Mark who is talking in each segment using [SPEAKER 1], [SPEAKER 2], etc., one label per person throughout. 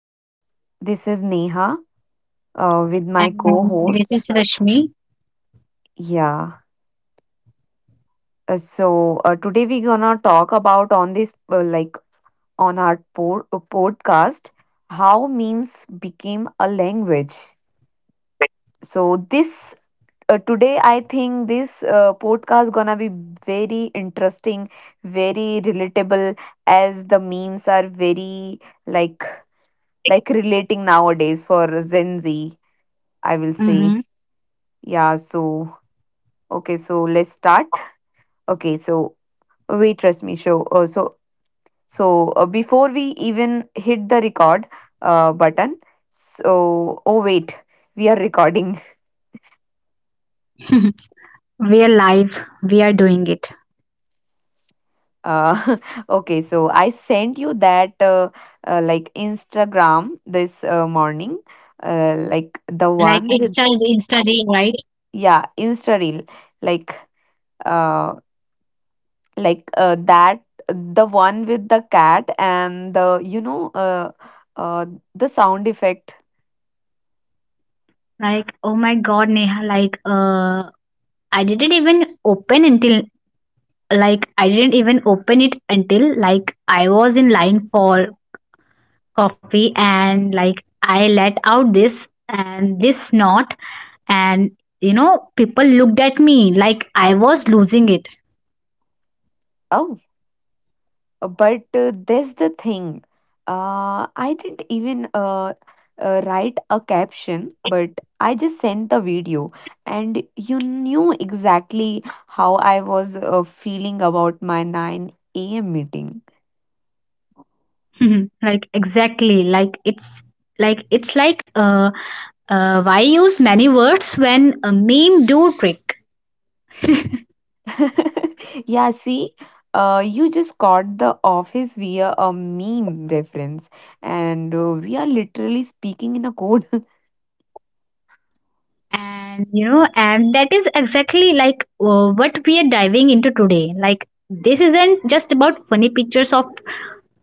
[SPEAKER 1] uh, this is Neha with my
[SPEAKER 2] And
[SPEAKER 1] co-host.
[SPEAKER 2] this is Rashmi.
[SPEAKER 1] Yeah. Today we're gonna talk about on this on our podcast how memes became a language. So this today I think this podcast gonna be very interesting, very relatable as the memes are very like relating nowadays for Gen Z, I will say.
[SPEAKER 2] hmm
[SPEAKER 1] Yeah, so okay, so let's start. Okay, so wait, trust me. So, before we even hit the record button. Oh wait, we are recording.
[SPEAKER 2] we are live. We are doing it.
[SPEAKER 1] Uh, okay, so I sent you that Instagram this morning,
[SPEAKER 2] Like
[SPEAKER 1] Yes.
[SPEAKER 2] Insta reel, right?
[SPEAKER 1] Yeah, Insta reel. Like. Uh. Like that the one with the cat and the uh, sound effect.
[SPEAKER 2] Like oh my God, Neha. I didn't even open until I didn't even open it until like I was in line for coffee, and like I let out this and this snot, and you know people looked at me like I was losing it.
[SPEAKER 1] Oh, but there's the thing. I didn't even write a caption, but I just sent the video and you knew exactly how I was feeling about my 9 a.m meeting.
[SPEAKER 2] Like exactly like it's like it's like why use many words when a meme do trick.
[SPEAKER 1] Yeah, see, you just caught the office via a meme reference, and we are literally speaking in a code.
[SPEAKER 2] And you know and that is exactly like what we are diving into today. Like this isn't just about funny pictures of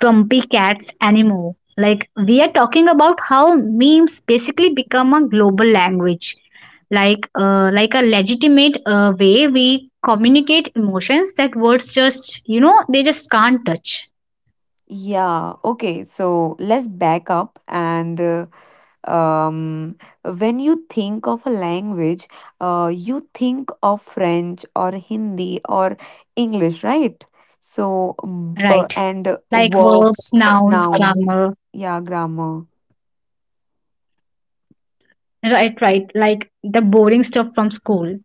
[SPEAKER 2] trumpy cats anymore. Like we are talking about how memes basically become a global language, like a legitimate way we communicate emotions that words just you know they just can't touch.
[SPEAKER 1] Yeah, okay, so let's back up and. Um, when you think of a language, you think of French or Hindi or English, right? So,
[SPEAKER 2] Right,
[SPEAKER 1] and
[SPEAKER 2] like verbs,
[SPEAKER 1] verbs,
[SPEAKER 2] nouns,
[SPEAKER 1] noun,
[SPEAKER 2] grammar.
[SPEAKER 1] yeah, grammar.
[SPEAKER 2] Right, right. Like the boring stuff from school.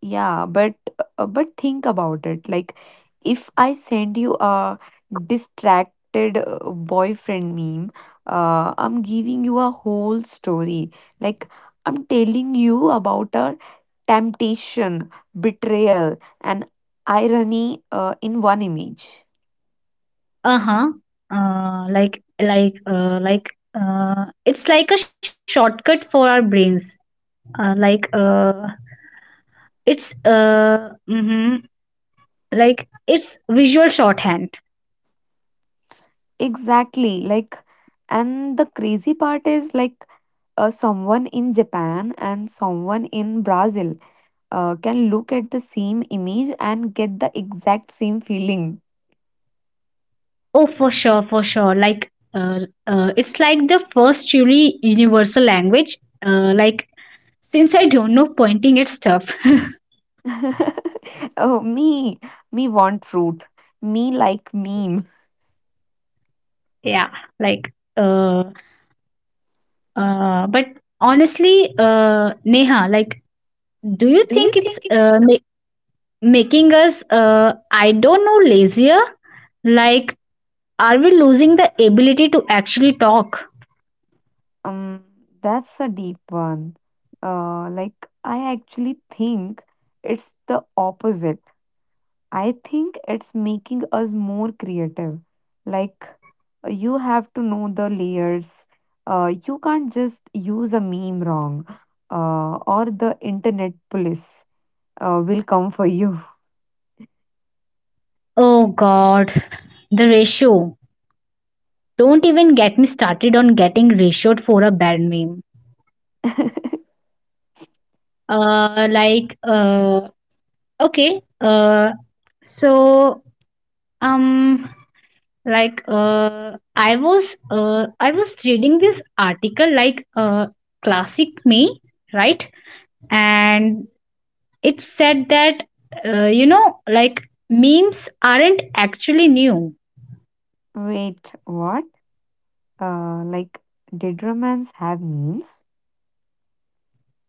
[SPEAKER 1] Yeah, but think about it. Like, if I send you a distracted boyfriend meme, I'm giving you a whole story. Like, I'm telling you about a temptation, betrayal, and irony in one image.
[SPEAKER 2] Uh-huh. It's like a shortcut for our brains. Like it's mm-hmm, like it's visual shorthand.
[SPEAKER 1] Exactly. Like, and the crazy part is someone in Japan and someone in Brazil can look at the same image and get the exact same feeling.
[SPEAKER 2] Oh for sure, for sure. It's like the first truly universal language. Uh like since, I don't know, pointing at stuff.
[SPEAKER 1] Oh, me want fruit. Me like meme.
[SPEAKER 2] Yeah, like uh but honestly Neha, like do you
[SPEAKER 1] Do you
[SPEAKER 2] think it's
[SPEAKER 1] think it's.
[SPEAKER 2] making us, I don't know, lazier? Like, are we losing the ability to actually talk?
[SPEAKER 1] Um, that's a deep one. Like, I actually think it's the opposite. I think it's making us more creative. Like, you have to know the layers. You can't just use a meme wrong. Or the internet police will come for you.
[SPEAKER 2] Oh god, the ratio. Don't even get me started on getting ratioed for a bad meme. Like okay so um like I was I was reading this article, classic me, right? And it's said that, you know, like memes aren't actually new.
[SPEAKER 1] Wait, what? Like, did romance have memes?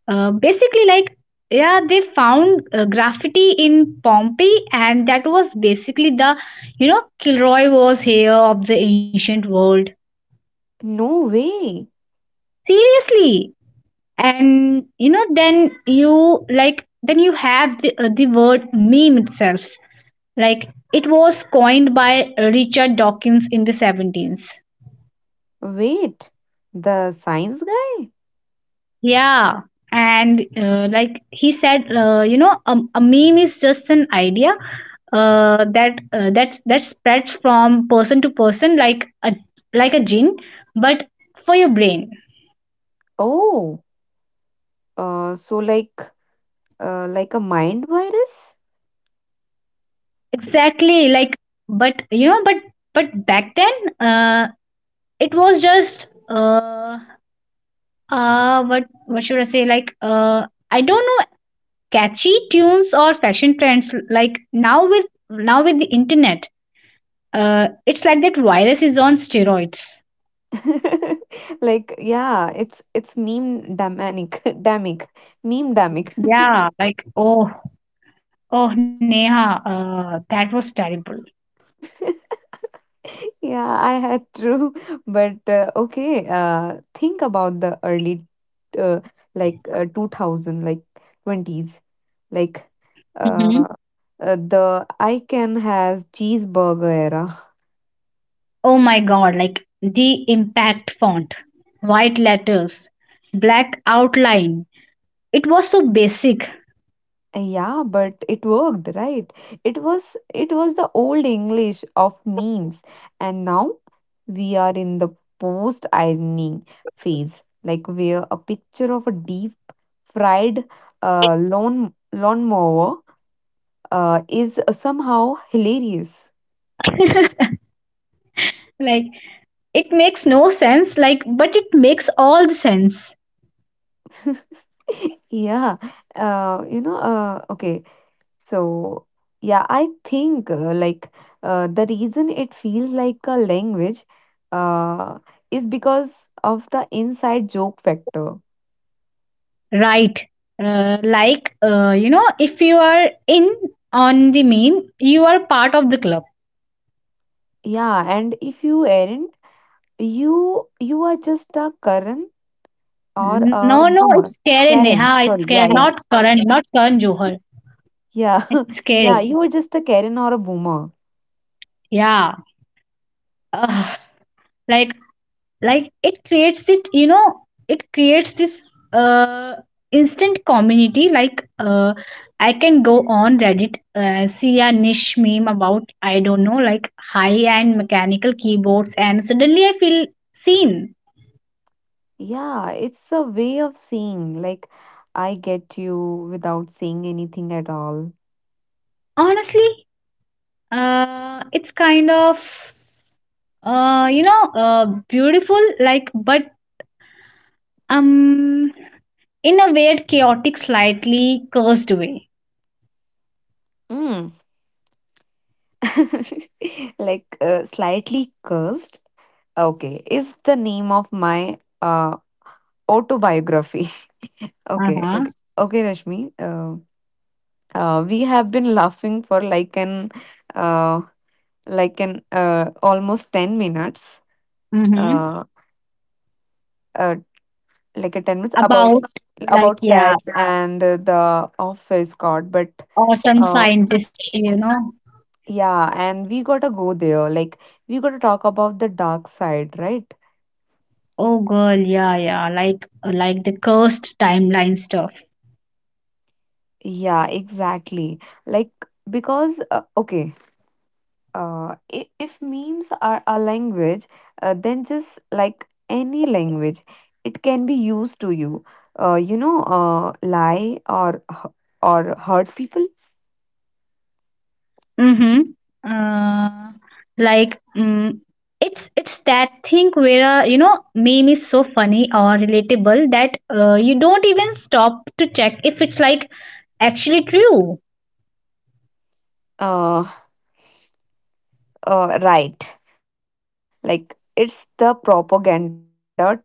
[SPEAKER 2] Basically, like, yeah, they found graffiti in Pompeii, and that was basically the, you know, Kilroy was here of the ancient world.
[SPEAKER 1] No way.
[SPEAKER 2] Seriously. And, you know, then you, like, then you have the word meme itself. Like, it was coined by Richard Dawkins in the 17th.
[SPEAKER 1] Wait, the science guy?
[SPEAKER 2] Yeah. And like he said, you know, a meme is just an idea that spreads from person to person like a gene, but for your brain.
[SPEAKER 1] Oh, so like, a mind virus?
[SPEAKER 2] Exactly. Like, but you know, but back then, uh, it was just what should say? Like, I don't know, catchy tunes or fashion trends. Like now with the internet. It's like that virus is on steroids.
[SPEAKER 1] Like, yeah, it's meme damic, damic, meme damic.
[SPEAKER 2] Yeah, like oh, oh Neha, that was terrible.
[SPEAKER 1] Yeah, I had true, but okay. Think about the early, uh, 2000, like twenties, like uh,
[SPEAKER 2] Mm-hmm.
[SPEAKER 1] the I can has cheeseburger.
[SPEAKER 2] Oh my God, like the impact font, white letters, black outline. It was so basic.
[SPEAKER 1] Yeah, but it worked, right? It was the old English of memes, and now we are in the post ironing phase, like where a picture of a deep fried lawnmower is somehow hilarious.
[SPEAKER 2] Like it makes no sense. Like, but it makes all the sense,
[SPEAKER 1] Yeah, uh, you know, uh, okay. So, yeah, I think the reason it feels like a language uh, is because of the inside joke factor.
[SPEAKER 2] right? Like you know, if you are in on the meme, you are part of the club.
[SPEAKER 1] Yeah, and if you aren't, you are just a Karan or a
[SPEAKER 2] No, no,
[SPEAKER 1] boomer.
[SPEAKER 2] it's Karen,
[SPEAKER 1] Karen,
[SPEAKER 2] Neha.
[SPEAKER 1] sorry.
[SPEAKER 2] It's
[SPEAKER 1] Yeah,
[SPEAKER 2] Karen,
[SPEAKER 1] yeah,
[SPEAKER 2] not Karan, not Karan Johar.
[SPEAKER 1] yeah,
[SPEAKER 2] It's
[SPEAKER 1] yeah.
[SPEAKER 2] Karen.
[SPEAKER 1] You are just a Karen or a boomer.
[SPEAKER 2] Yeah. Ugh. Like, like it creates it. You know, it creates this uh instant community. Like, I can go on Reddit, see a niche meme about, I don't know, like high-end mechanical keyboards, and suddenly I feel seen.
[SPEAKER 1] Yeah, it's a way of saying like I get you without saying anything at all.
[SPEAKER 2] Honestly, it's kind of you know beautiful, like, but Um, in a weird, chaotic, slightly cursed way.
[SPEAKER 1] Mm. Slightly cursed okay is the name of my uh, autobiography. Okay,
[SPEAKER 2] Uh-huh.
[SPEAKER 1] okay, okay, Rashmi. uh, we have been laughing for uh, like an almost 10 minutes,
[SPEAKER 2] Mm-hmm.
[SPEAKER 1] uh, uh, like a 10 minutes about
[SPEAKER 2] About, like, yeah,
[SPEAKER 1] cats and the office card. But
[SPEAKER 2] or some
[SPEAKER 1] uh,
[SPEAKER 2] scientist, you know.
[SPEAKER 1] yeah, and we gotta go there, like we gotta talk about the dark side, right?
[SPEAKER 2] Oh girl, yeah, yeah. Like the cursed timeline stuff.
[SPEAKER 1] Yeah, exactly. Like, because, if memes are a language, then just like any language, it can be used to you. Lie or hurt people.
[SPEAKER 2] Mm-hmm. Uh, like mm, it's that thing where you know meme is so funny or relatable that you don't even stop to check if it's like actually true.
[SPEAKER 1] Uh, right. Like, it's the propaganda 2.0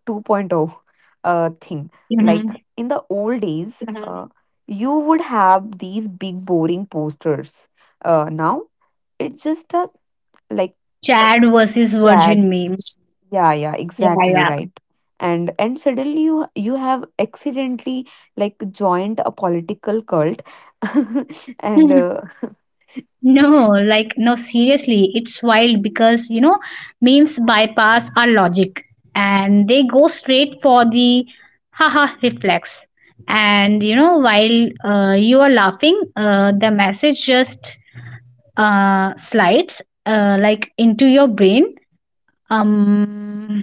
[SPEAKER 1] thing. Like, in the
[SPEAKER 2] Mm-hmm.
[SPEAKER 1] old days, you would have these big boring posters. Now it's just a like
[SPEAKER 2] Chad versus
[SPEAKER 1] chat.
[SPEAKER 2] Virgin meme.
[SPEAKER 1] Yeah, yeah, exactly,
[SPEAKER 2] Yeah,
[SPEAKER 1] right. And suddenly you have accidentally like joined a political cult. and
[SPEAKER 2] yeah. No, like, no, seriously, it's wild because, you know, memes bypass our logic and they go straight for the haha reflex. And, you know, while you are laughing, the message just slides like into your brain. Um,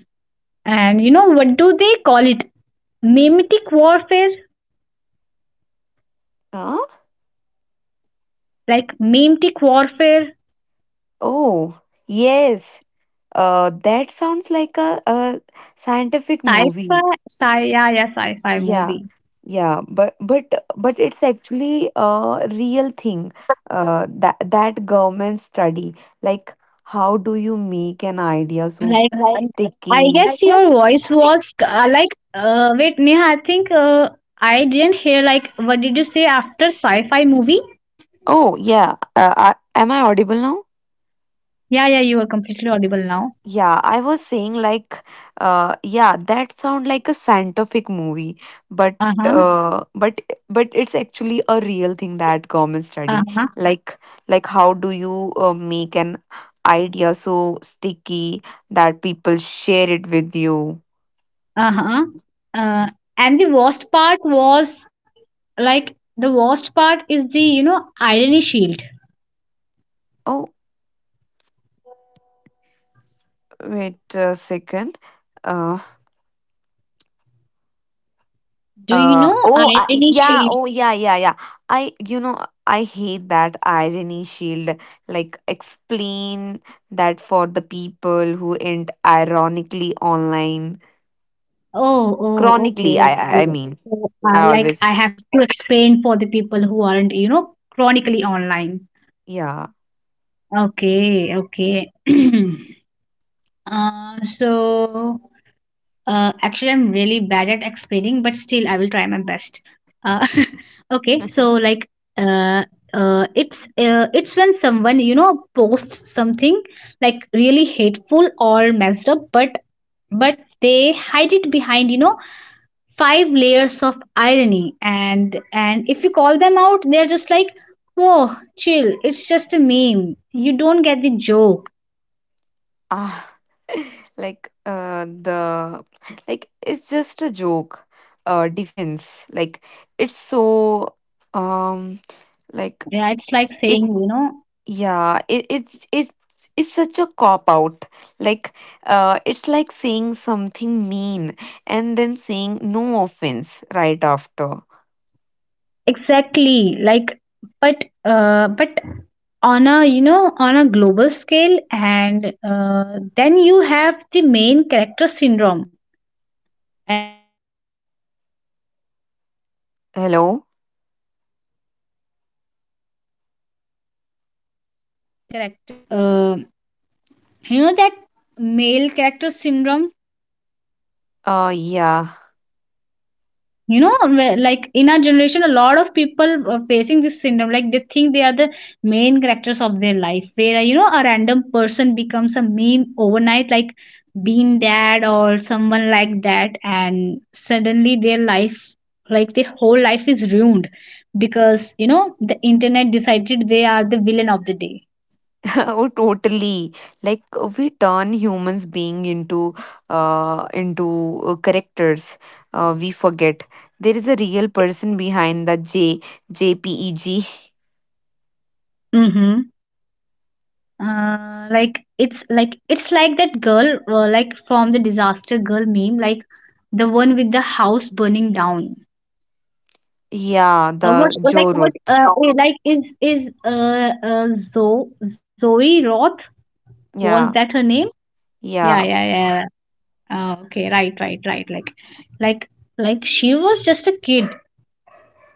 [SPEAKER 2] and, you know, what do they call it? Memetic warfare?
[SPEAKER 1] Huh?
[SPEAKER 2] Like, memetic warfare?
[SPEAKER 1] Oh, yes. That sounds like a scientific
[SPEAKER 2] Sci-fi?
[SPEAKER 1] movie.
[SPEAKER 2] Yeah, yeah, sci-fi
[SPEAKER 1] Yeah,
[SPEAKER 2] movie.
[SPEAKER 1] yeah, but it's actually a real thing that government study. Like, how do you make
[SPEAKER 2] Like,
[SPEAKER 1] an
[SPEAKER 2] um,
[SPEAKER 1] idea so
[SPEAKER 2] I guess your
[SPEAKER 1] Sticky.
[SPEAKER 2] voice was like, wait, Neha, I think I didn't hear, like, what did you say after sci fi movie?
[SPEAKER 1] Oh, yeah. Am I audible now?
[SPEAKER 2] Yeah, yeah, you are completely audible now.
[SPEAKER 1] Yeah, I was saying like, yeah, that sound like a scientific movie, but
[SPEAKER 2] Uh huh,
[SPEAKER 1] uh, but but it's actually a real thing that government
[SPEAKER 2] uh
[SPEAKER 1] study.
[SPEAKER 2] huh,
[SPEAKER 1] Like like, how do you make an idea so sticky that people share it with you?
[SPEAKER 2] uh huh. Uh, and the worst part was, like, the worst part is the, you know, irony shield.
[SPEAKER 1] Oh, wait a second. Uh,
[SPEAKER 2] Do you know irony shield?
[SPEAKER 1] Oh, yeah, yeah, yeah. I, you know, I hate that irony shield. Like, explain that for the people who end ironically online.
[SPEAKER 2] Oh, oh,
[SPEAKER 1] Chronically,
[SPEAKER 2] okay,
[SPEAKER 1] I
[SPEAKER 2] okay.
[SPEAKER 1] mean.
[SPEAKER 2] So,
[SPEAKER 1] I
[SPEAKER 2] like,
[SPEAKER 1] always,
[SPEAKER 2] I have to explain for the people who aren't, you know, chronically online.
[SPEAKER 1] yeah.
[SPEAKER 2] Okay, okay. Uh, so, Actually, I'm really bad at explaining, but still, I will try my best. Uh, okay, so like, uh, it's when someone you know posts something like really hateful or messed up, but they hide it behind you know five layers of irony, and if you call them out, they're just like, whoa, chill, it's just a meme. You don't get the joke.
[SPEAKER 1] Ah, like, it's just a joke, defense. Like, it's so, um,
[SPEAKER 2] Yeah, it's
[SPEAKER 1] like.
[SPEAKER 2] like saying, you know,
[SPEAKER 1] Yeah, it, it's such a cop out. Like, it's like saying something mean and then saying no offense right after.
[SPEAKER 2] exactly like but on a, you know, on a global scale. And then you have the main character syndrome, and in our generation like a lot of people face
[SPEAKER 1] Hello. Yeah.
[SPEAKER 2] you know like in our generation a lot of people are facing this syndrome. Like they think they are the main characters of their life, where you know a random person becomes a meme overnight, like being dad or someone like that, and suddenly their life like their whole life is ruined because you know the internet decided they are the villain of the day.
[SPEAKER 1] Oh, totally. Like, we turn humans being into characters. We forget there is a real person behind the j jpeg.
[SPEAKER 2] Mm-hmm. Like it's like it's like that girl like from the disaster girl meme, like the one with the house burning down.
[SPEAKER 1] Yeah,
[SPEAKER 2] Uh,
[SPEAKER 1] the
[SPEAKER 2] what, like what
[SPEAKER 1] jorut.
[SPEAKER 2] is like is zoe roth, was
[SPEAKER 1] Yeah,
[SPEAKER 2] that her name? Yeah,
[SPEAKER 1] yeah,
[SPEAKER 2] yeah, yeah, yeah. Uh, okay, right right right. Like like like she was just a kid,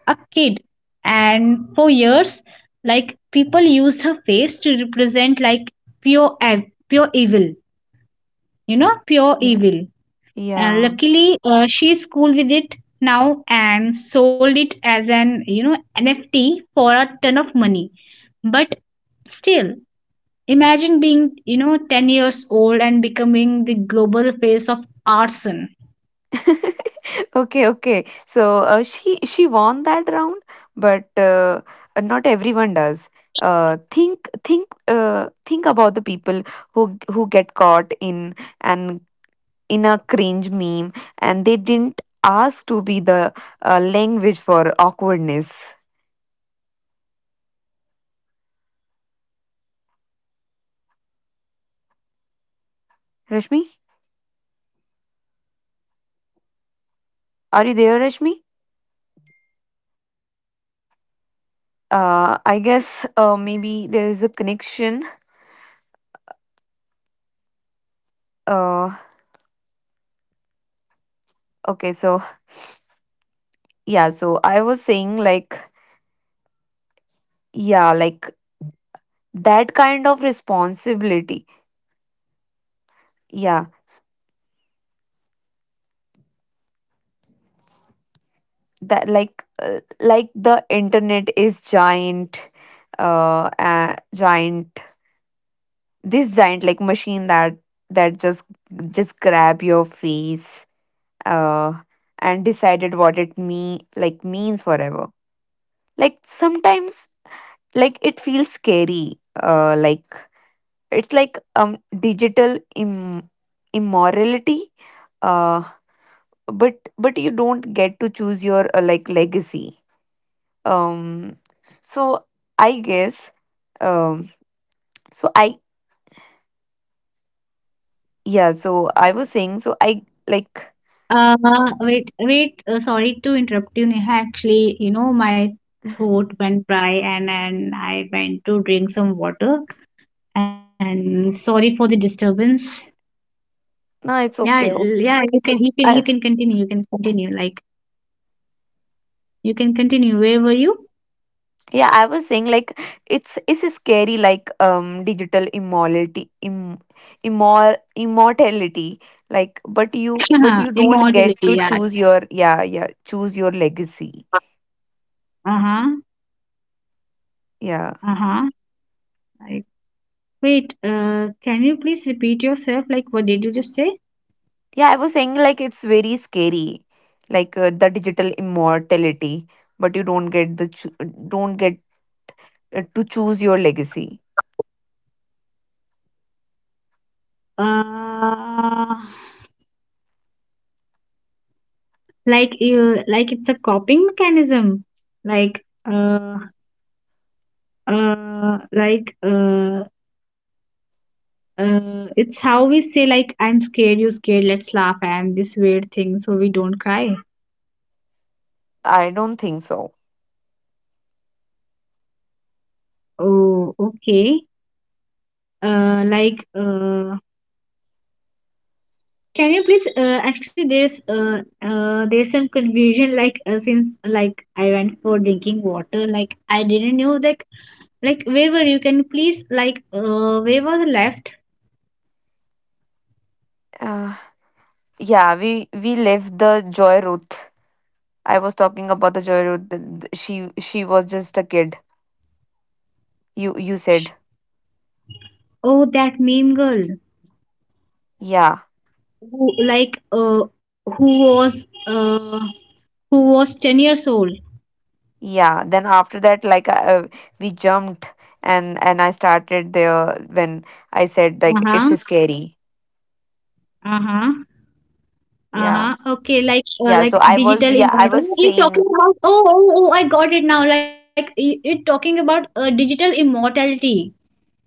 [SPEAKER 2] a kid. And for years, like people used her face to represent like pure evil, you know, pure
[SPEAKER 1] yeah,
[SPEAKER 2] evil. And
[SPEAKER 1] yeah.
[SPEAKER 2] luckily, she's cool with it now and sold it as an, you know, NFT for a ton of money. But still, imagine being you know 10 years old and becoming the global face of arson.
[SPEAKER 1] Okay, okay. So she won that round, but not everyone does. Think about the people who who get caught in an in a cringe meme, and they didn't ask to be the language for awkwardness. Rashmi, are you there, Rashmi? I guess maybe there is a connection. Uh, okay, so yeah, so I was saying like, yeah, like that kind of responsibility. Yeah, that like, the internet is giant, uh, uh giant this giant like machine that just grab your face uh and decided what it me like means forever. Like sometimes, like, it feels scary it's like, um, digital immorality, uh but you don't get to choose your legacy. Um, so I guess, um so I yeah, so I was saying, so I like
[SPEAKER 2] Uh, sorry to interrupt you, Neha. Actually, you know, my throat went dry and I went to drink some water. And sorry for the disturbance.
[SPEAKER 1] no,
[SPEAKER 2] Yeah,
[SPEAKER 1] it's okay.
[SPEAKER 2] yeah, you can, you can
[SPEAKER 1] I,
[SPEAKER 2] continue. You can continue. Like, you can continue. Where were you?
[SPEAKER 1] yeah, I was saying like it's scary, like, um, digital immorality, immortality, like, but you but you don't get
[SPEAKER 2] Immortality.
[SPEAKER 1] to
[SPEAKER 2] Yeah.
[SPEAKER 1] choose your, yeah, yeah, choose your legacy.
[SPEAKER 2] Uh-huh.
[SPEAKER 1] Yeah,
[SPEAKER 2] Uh-huh. Like, wait, can you please repeat yourself? Like, what did you just say?
[SPEAKER 1] yeah, I was saying like it's very scary, like the digital immortality, but you don't get to choose your legacy.
[SPEAKER 2] Uh, like you like it's a coping mechanism, like uh uh like uh it's how we say like I'm scared you scared let's laugh and this weird thing so we don't cry.
[SPEAKER 1] I don't think so.
[SPEAKER 2] Oh okay. uh like uh can you please actually there's some confusion. Like, since like I went for drinking water, like I didn't know that like where were you. Can you please like where was the left?
[SPEAKER 1] uh, yeah, we left the joy route. I was talking about the Joyride. She was just a kid. You said,
[SPEAKER 2] Oh, that meme girl
[SPEAKER 1] yeah,
[SPEAKER 2] who, who was uh, who was 10 years old.
[SPEAKER 1] yeah. Then after that, like, we jumped, and I started there when I said like, it's
[SPEAKER 2] Uh-huh,
[SPEAKER 1] scary.
[SPEAKER 2] uh-huh,
[SPEAKER 1] Yeah,
[SPEAKER 2] uh-huh. Okay,
[SPEAKER 1] yeah.
[SPEAKER 2] like
[SPEAKER 1] So I was
[SPEAKER 2] digital
[SPEAKER 1] yeah I
[SPEAKER 2] immortal
[SPEAKER 1] was
[SPEAKER 2] you talking
[SPEAKER 1] saying,
[SPEAKER 2] about, oh, oh oh I got it now. Like, you you're talking about digital immortality.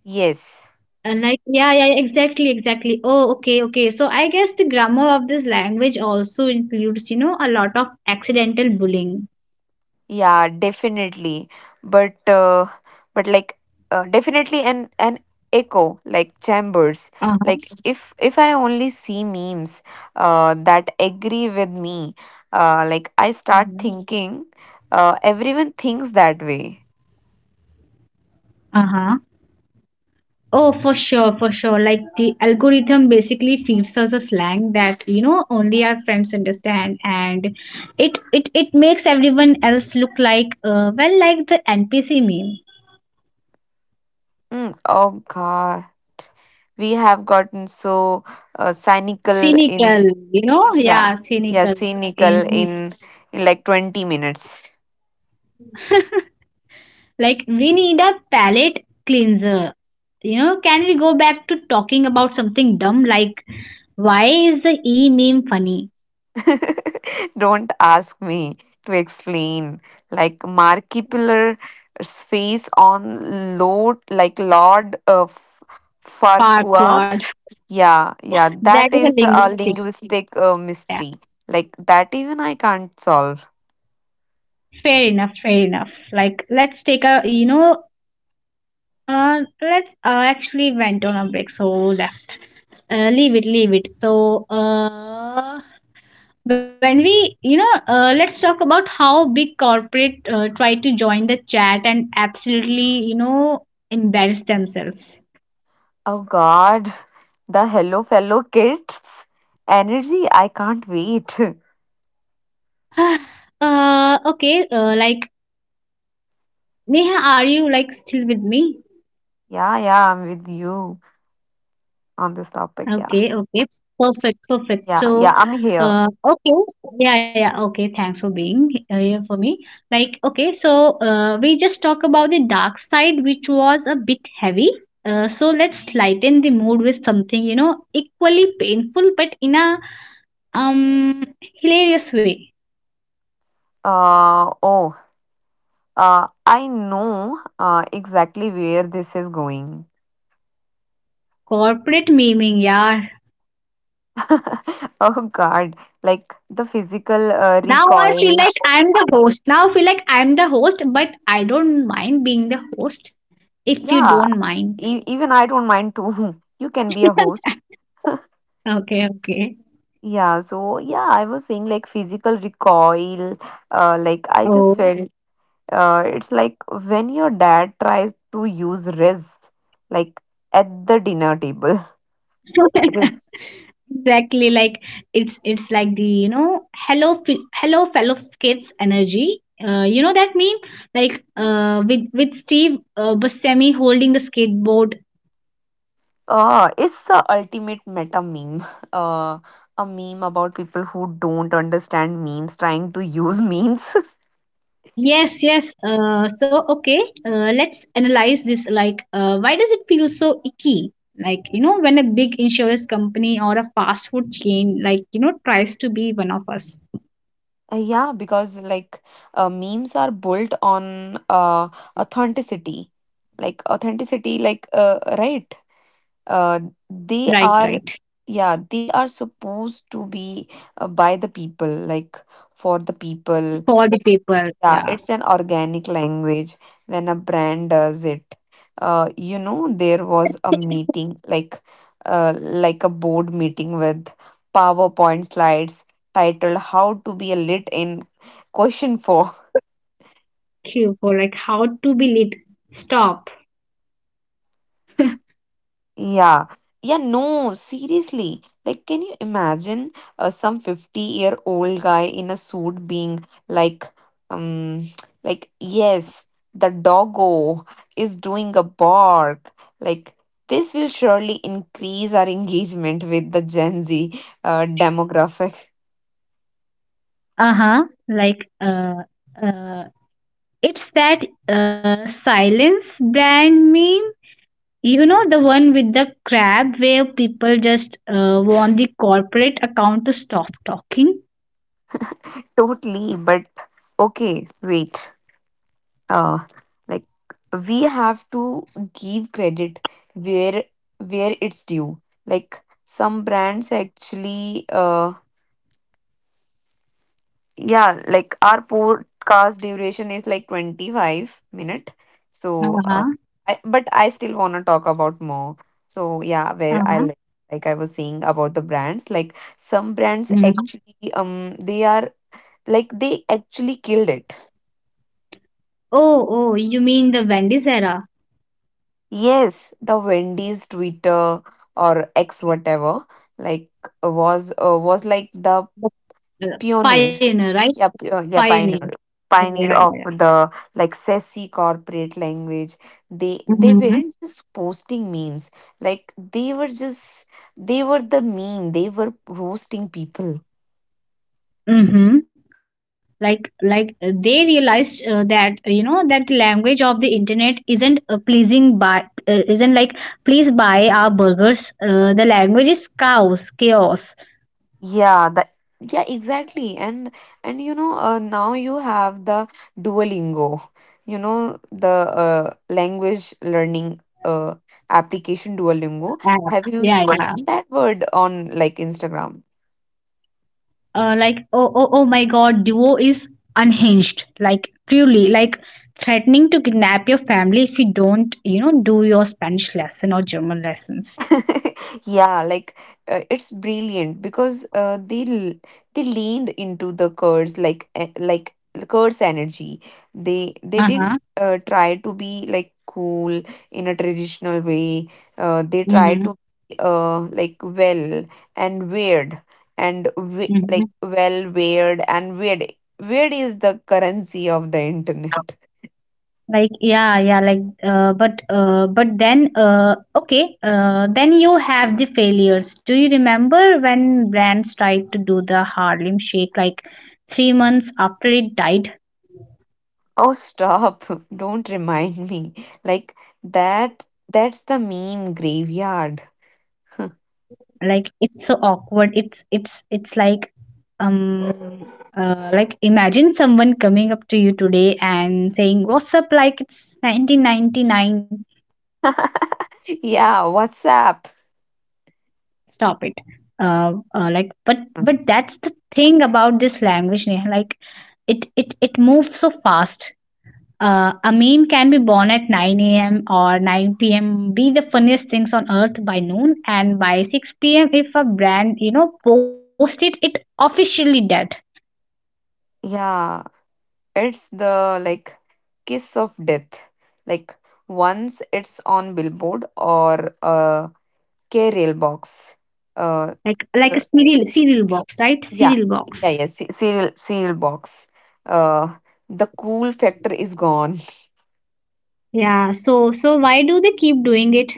[SPEAKER 1] yes.
[SPEAKER 2] And like yeah yeah exactly exactly. Oh okay okay, so guess the grammar of this language also includes, you know, a lot of accidental bullying.
[SPEAKER 1] Yeah, definitely. But but like definitely an echo, like, chambers. Like,
[SPEAKER 2] Uh-huh,
[SPEAKER 1] if I only see memes that agree with me, I start
[SPEAKER 2] uh-huh,
[SPEAKER 1] thinking everyone thinks that way.
[SPEAKER 2] uh-huh. Oh, for sure, for sure. Like the algorithm basically feeds us a slang that you know only our friends understand, and it makes everyone else look like, well, like the NPC meme,
[SPEAKER 1] Mm, oh God, we have gotten so cynical in,
[SPEAKER 2] cynical. You know,
[SPEAKER 1] yeah,
[SPEAKER 2] yeah,
[SPEAKER 1] yeah,
[SPEAKER 2] cynical.
[SPEAKER 1] cynical
[SPEAKER 2] In
[SPEAKER 1] in like 20 minutes.
[SPEAKER 2] like we need a palate cleanser. You know, can we go back to talking about something dumb, like why is the e meme funny?
[SPEAKER 1] Don't ask me to explain. Like Markiplier's face on Lord, like Lord of Farquaad.
[SPEAKER 2] Parquad.
[SPEAKER 1] Yeah, yeah,
[SPEAKER 2] That
[SPEAKER 1] that
[SPEAKER 2] is a
[SPEAKER 1] is a
[SPEAKER 2] linguistic.
[SPEAKER 1] linguistic mystery. Like that, even I can't solve.
[SPEAKER 2] Fair enough, fair enough. Like, let's take a, you know, let's actually went on a break, so left. Leave it, leave it. So, when we, you know, let's talk about how big corporate tried to join the chat and absolutely, you know, embarrass themselves.
[SPEAKER 1] Oh God, the Hello Fellow Kids energy! I can't wait.
[SPEAKER 2] Uh, okay, like, Neha, are you like still with me?
[SPEAKER 1] Yeah, yeah, I'm with you on this topic.
[SPEAKER 2] Okay,
[SPEAKER 1] Yeah,
[SPEAKER 2] okay. Perfect, perfect.
[SPEAKER 1] yeah,
[SPEAKER 2] So,
[SPEAKER 1] yeah, I'm here.
[SPEAKER 2] okay. Yeah, yeah. Okay. Thanks for being here for me. Like, okay. So, we just talk about the dark side, which was a bit heavy. So let's lighten the mood with something, you know, equally painful, but in a um hilarious way.
[SPEAKER 1] Uh, oh, I know exactly where this is going.
[SPEAKER 2] Corporate memeing, yeah.
[SPEAKER 1] Oh God, like the physical
[SPEAKER 2] Now I feel
[SPEAKER 1] recoil.
[SPEAKER 2] like I'm the host. Now I feel like I'm the host, but I don't mind being the host if you
[SPEAKER 1] Yeah,
[SPEAKER 2] don't mind.
[SPEAKER 1] even I don't mind too. You can be a host.
[SPEAKER 2] Okay, okay.
[SPEAKER 1] Yeah, so yeah, I was saying like physical recoil. Like, I just
[SPEAKER 2] Oh.
[SPEAKER 1] felt it's like when your dad tries to use wrist, like at the dinner table. Wrist.
[SPEAKER 2] Exactly, like it's like the hello hello fellow kids energy, you know, that meme, like, with Steve Buscemi holding the skateboard.
[SPEAKER 1] It's the ultimate meta meme. Uh, a meme about people who don't understand memes trying to use memes.
[SPEAKER 2] Yes, yes. So okay, let's analyze this. Like, why does it feel so icky? Like, you know, when a big insurance company or a fast food chain, like, you know, tries to be one of us.
[SPEAKER 1] Yeah, because like memes are built on authenticity. Like authenticity, like, right. Uh,
[SPEAKER 2] Right, right.
[SPEAKER 1] they are, yeah, they are supposed to be by the people, like for the
[SPEAKER 2] For the
[SPEAKER 1] people.
[SPEAKER 2] paper, yeah.
[SPEAKER 1] Yeah, it's an organic language when a brand does it. There was a meeting, like a board meeting with PowerPoint slides titled How to be a Lit in Question Form.
[SPEAKER 2] Cue for like how to be lit. Stop.
[SPEAKER 1] Yeah. Yeah, no, seriously. Like, can you imagine some 50-year-old guy in a suit being um, like, yes, the doggo is doing a bark. Like, this will surely increase our engagement with the Gen Z demographic.
[SPEAKER 2] Uh-huh. Like uh uh it's that silence brand meme, you know, the one with the crab, where people just want the corporate account to stop talking.
[SPEAKER 1] Totally, but okay, wait. uh, like we have to give credit where where it's due. Like some brands actually yeah, like our podcast duration is like 25 minute, so
[SPEAKER 2] Uh-huh.
[SPEAKER 1] but I still want to talk about more. So yeah,
[SPEAKER 2] Uh-huh.
[SPEAKER 1] like I was saying about the brands, like some brands
[SPEAKER 2] Mhm.
[SPEAKER 1] actually they are, like they actually killed it.
[SPEAKER 2] Oh, oh, you mean the Wendy's era?
[SPEAKER 1] Yes, the Wendy's Twitter or X whatever, like was like the
[SPEAKER 2] The, uh,
[SPEAKER 1] pioneer.
[SPEAKER 2] pioneer. Right,
[SPEAKER 1] Yeah,
[SPEAKER 2] pioneer.
[SPEAKER 1] pioneer,
[SPEAKER 2] Yeah, yeah,
[SPEAKER 1] pioneer
[SPEAKER 2] yeah.
[SPEAKER 1] of the like sassy corporate language. They
[SPEAKER 2] Yeah.
[SPEAKER 1] weren't just posting memes. Like they were just, they were the meme. They were roasting people.
[SPEAKER 2] Mm-hmm. Like, they realized, that, you know, that the language of the internet isn't, pleasing by, isn't like please buy our burgers. The language is chaos, chaos.
[SPEAKER 1] Yeah, that Yeah, exactly. And you know, now you have the Duolingo, you know, the language learning application
[SPEAKER 2] Yeah,
[SPEAKER 1] Duolingo.
[SPEAKER 2] yeah,
[SPEAKER 1] Have you
[SPEAKER 2] yeah.
[SPEAKER 1] seen that word on like Instagram?
[SPEAKER 2] Like, oh, oh my God, Duo is unhinged. Like, truly, like threatening to kidnap your family if you don't, you know, do your Spanish lesson or German lessons.
[SPEAKER 1] Yeah, like it's brilliant because they leaned into the curse, like like the curse energy. They
[SPEAKER 2] Uh
[SPEAKER 1] didn't
[SPEAKER 2] huh.
[SPEAKER 1] try to be like cool in a traditional way. They try
[SPEAKER 2] Mm-hmm.
[SPEAKER 1] to be like well and weird, and we- like well weird and weird Weird is the currency of the internet.
[SPEAKER 2] Like yeah, yeah, like, but then okay, then you have the failures. Do you remember when brands tried to do the Harlem Shake like three months after it died?
[SPEAKER 1] Oh, stop. Don't remind me. Like that, that's the meme graveyard.
[SPEAKER 2] Like, it's so awkward. It's like, um like, imagine someone coming up to you today and saying, "What's up?" Like it's 1999.
[SPEAKER 1] Yeah, WhatsApp.
[SPEAKER 2] Stop it. Like, but that's the thing about this language, Neha. Like, it moves so fast. A meme can be born at 9 a.m. or 9 p.m., be the funniest things on earth by noon, and by 6 p.m. if a brand, you know, post it, it officially dead.
[SPEAKER 1] Yeah, it's the like kiss of death. Like once it's on billboard or a K rail box. Uh,
[SPEAKER 2] Like a
[SPEAKER 1] uh,
[SPEAKER 2] cereal box, right?
[SPEAKER 1] yeah,
[SPEAKER 2] Cereal
[SPEAKER 1] yeah,
[SPEAKER 2] box.
[SPEAKER 1] yeah. Serial, serial box. Uh, the cool factor is gone.
[SPEAKER 2] Yeah, so, so why do they keep doing it?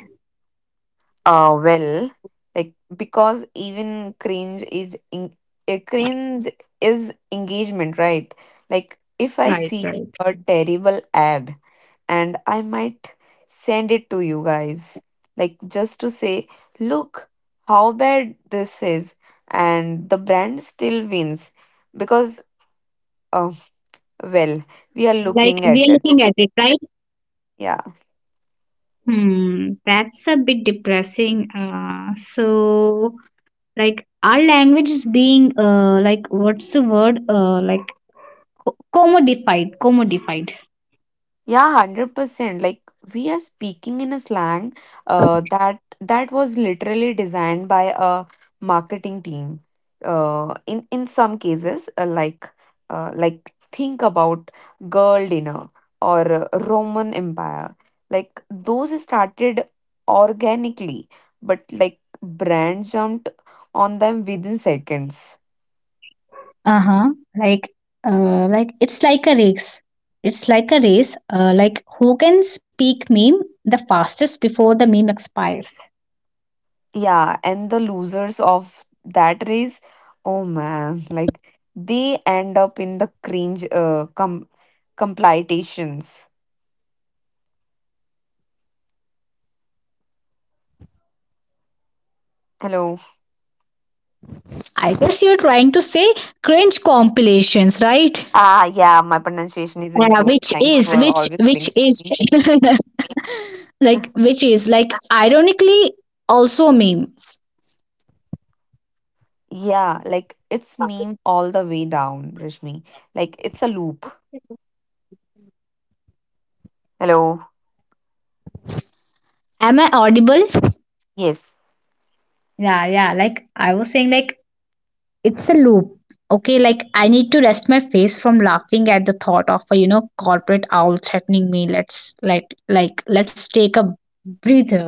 [SPEAKER 1] Well, like because even cringe is in, a cringe is engagement, right? Like if I
[SPEAKER 2] Right,
[SPEAKER 1] see
[SPEAKER 2] right.
[SPEAKER 1] a terrible ad, and I might send it to you guys, like just to say, look how bad this is, and the brand still wins because, uh, well, we are
[SPEAKER 2] Like,
[SPEAKER 1] looking at
[SPEAKER 2] we are
[SPEAKER 1] it.
[SPEAKER 2] looking at it, right?
[SPEAKER 1] Yeah.
[SPEAKER 2] Hmm, that's a bit depressing. So, like, our language is being, like, what's the word? Like, commodified, commodified.
[SPEAKER 1] Yeah, 100%. Like we are speaking in a slang that was literally designed by a marketing team. In some cases, like think about girl dinner or Roman Empire. Like those started organically, but like brands jumped on them within seconds.
[SPEAKER 2] Uh huh. Like, like it's like a race. It's like a race. Like, who can speak meme the fastest before the meme expires?
[SPEAKER 1] Yeah, and the losers of that race, oh man, like they end up in the cringe complitations. Hello.
[SPEAKER 2] I guess you're trying to say cringe compilations, right?
[SPEAKER 1] Ah, yeah, my pronunciation isn't
[SPEAKER 2] Yeah,
[SPEAKER 1] good.
[SPEAKER 2] which
[SPEAKER 1] Thanks
[SPEAKER 2] is
[SPEAKER 1] for
[SPEAKER 2] which
[SPEAKER 1] always
[SPEAKER 2] which
[SPEAKER 1] correcting
[SPEAKER 2] is
[SPEAKER 1] me.
[SPEAKER 2] like which is like ironically also a meme.
[SPEAKER 1] Yeah, like it's meme all the way down, Rashmi. Like it's a loop. Hello.
[SPEAKER 2] Am I audible?
[SPEAKER 1] Yes.
[SPEAKER 2] Yeah, yeah. Like I was saying, like it's a loop. Okay, like I need to rest my face from laughing at the thought of a, you know, corporate owl threatening me. Let's like let's take a breather.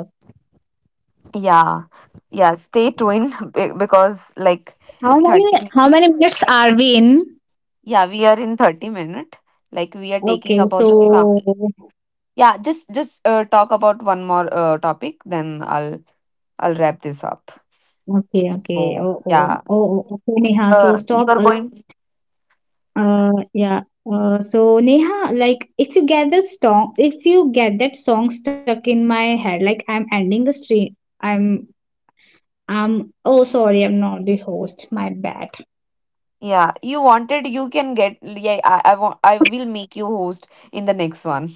[SPEAKER 1] Yeah. Yeah. Stay tuned, because like
[SPEAKER 2] How
[SPEAKER 1] it's
[SPEAKER 2] many
[SPEAKER 1] 30 minutes.
[SPEAKER 2] minutes are we in?
[SPEAKER 1] Yeah, we are in 30 minutes. Like we are
[SPEAKER 2] Okay,
[SPEAKER 1] taking
[SPEAKER 2] so
[SPEAKER 1] about the sound. Yeah, just talk about one more topic, then I'll wrap this up.
[SPEAKER 2] okay, okay.
[SPEAKER 1] So
[SPEAKER 2] Oh, oh,
[SPEAKER 1] yeah,
[SPEAKER 2] oh, oh, okay, Neha. So
[SPEAKER 1] you
[SPEAKER 2] stop.
[SPEAKER 1] are going.
[SPEAKER 2] Yeah. So, Neha, like if you get that song, if you get that song stuck in my head, like I'm ending the stream. I'm, I'm. Oh, sorry, I'm not the host. My bad.
[SPEAKER 1] Yeah, you wanted. You can get. Yeah, I want. I will make you host in the next one.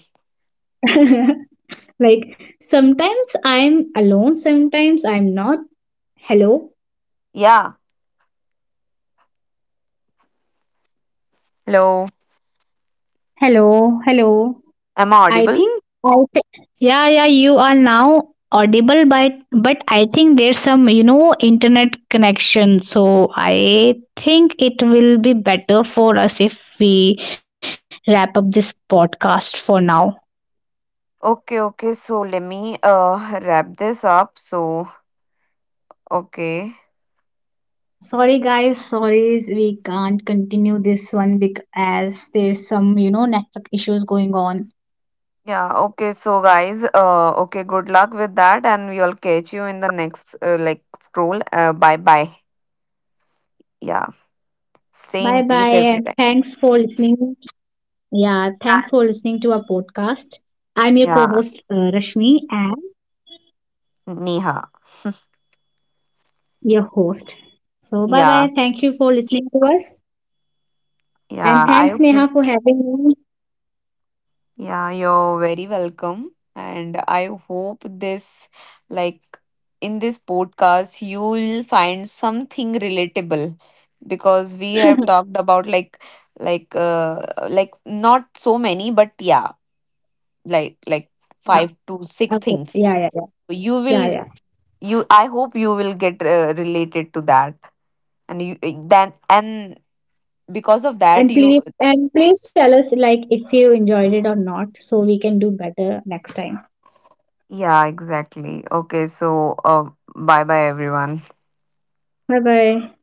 [SPEAKER 2] Like sometimes I'm alone, sometimes I'm not. Hello.
[SPEAKER 1] Yeah. Hello.
[SPEAKER 2] Hello, hello.
[SPEAKER 1] Am I
[SPEAKER 2] I
[SPEAKER 1] audible?
[SPEAKER 2] think I thi- yeah, yeah, you are now audible, but I think there's some, you know, internet connection, so I think it will be better for us if we wrap up this podcast for now.
[SPEAKER 1] Okay. Okay. So let me wrap this up. So okay.
[SPEAKER 2] Sorry, guys. Sorry, we can't continue this one because as there's some, you know, network issues going on.
[SPEAKER 1] Yeah. Okay. So guys. Okay. Good luck with that, and we'll catch you in the next like scroll. Bye. Bye. Yeah.
[SPEAKER 2] Bye bye, and
[SPEAKER 1] Stay
[SPEAKER 2] thanks
[SPEAKER 1] in
[SPEAKER 2] for
[SPEAKER 1] peace every
[SPEAKER 2] listening. Yeah, thanks for listening to our
[SPEAKER 1] time.
[SPEAKER 2] podcast. I'm your co-host,
[SPEAKER 1] Yeah,
[SPEAKER 2] Rashmi, and
[SPEAKER 1] Neha.
[SPEAKER 2] your host. So bye bye.
[SPEAKER 1] Yeah,
[SPEAKER 2] Thank you for listening to us.
[SPEAKER 1] yeah.
[SPEAKER 2] And thanks, Neha, for having me.
[SPEAKER 1] Yeah, you're very welcome. And I hope this, like, in this podcast, you'll find something relatable because we have talked about like, uh, like not so many, but yeah, like five
[SPEAKER 2] Yeah.
[SPEAKER 1] to six
[SPEAKER 2] Okay.
[SPEAKER 1] things.
[SPEAKER 2] Yeah, yeah, yeah.
[SPEAKER 1] You will,
[SPEAKER 2] Yeah, yeah.
[SPEAKER 1] you. I hope you will get related to that, and because of that
[SPEAKER 2] And
[SPEAKER 1] you
[SPEAKER 2] please, tell us like if you enjoyed it or not so we can do better next time.
[SPEAKER 1] Yeah, exactly. Okay, so bye bye, everyone.
[SPEAKER 2] Bye bye.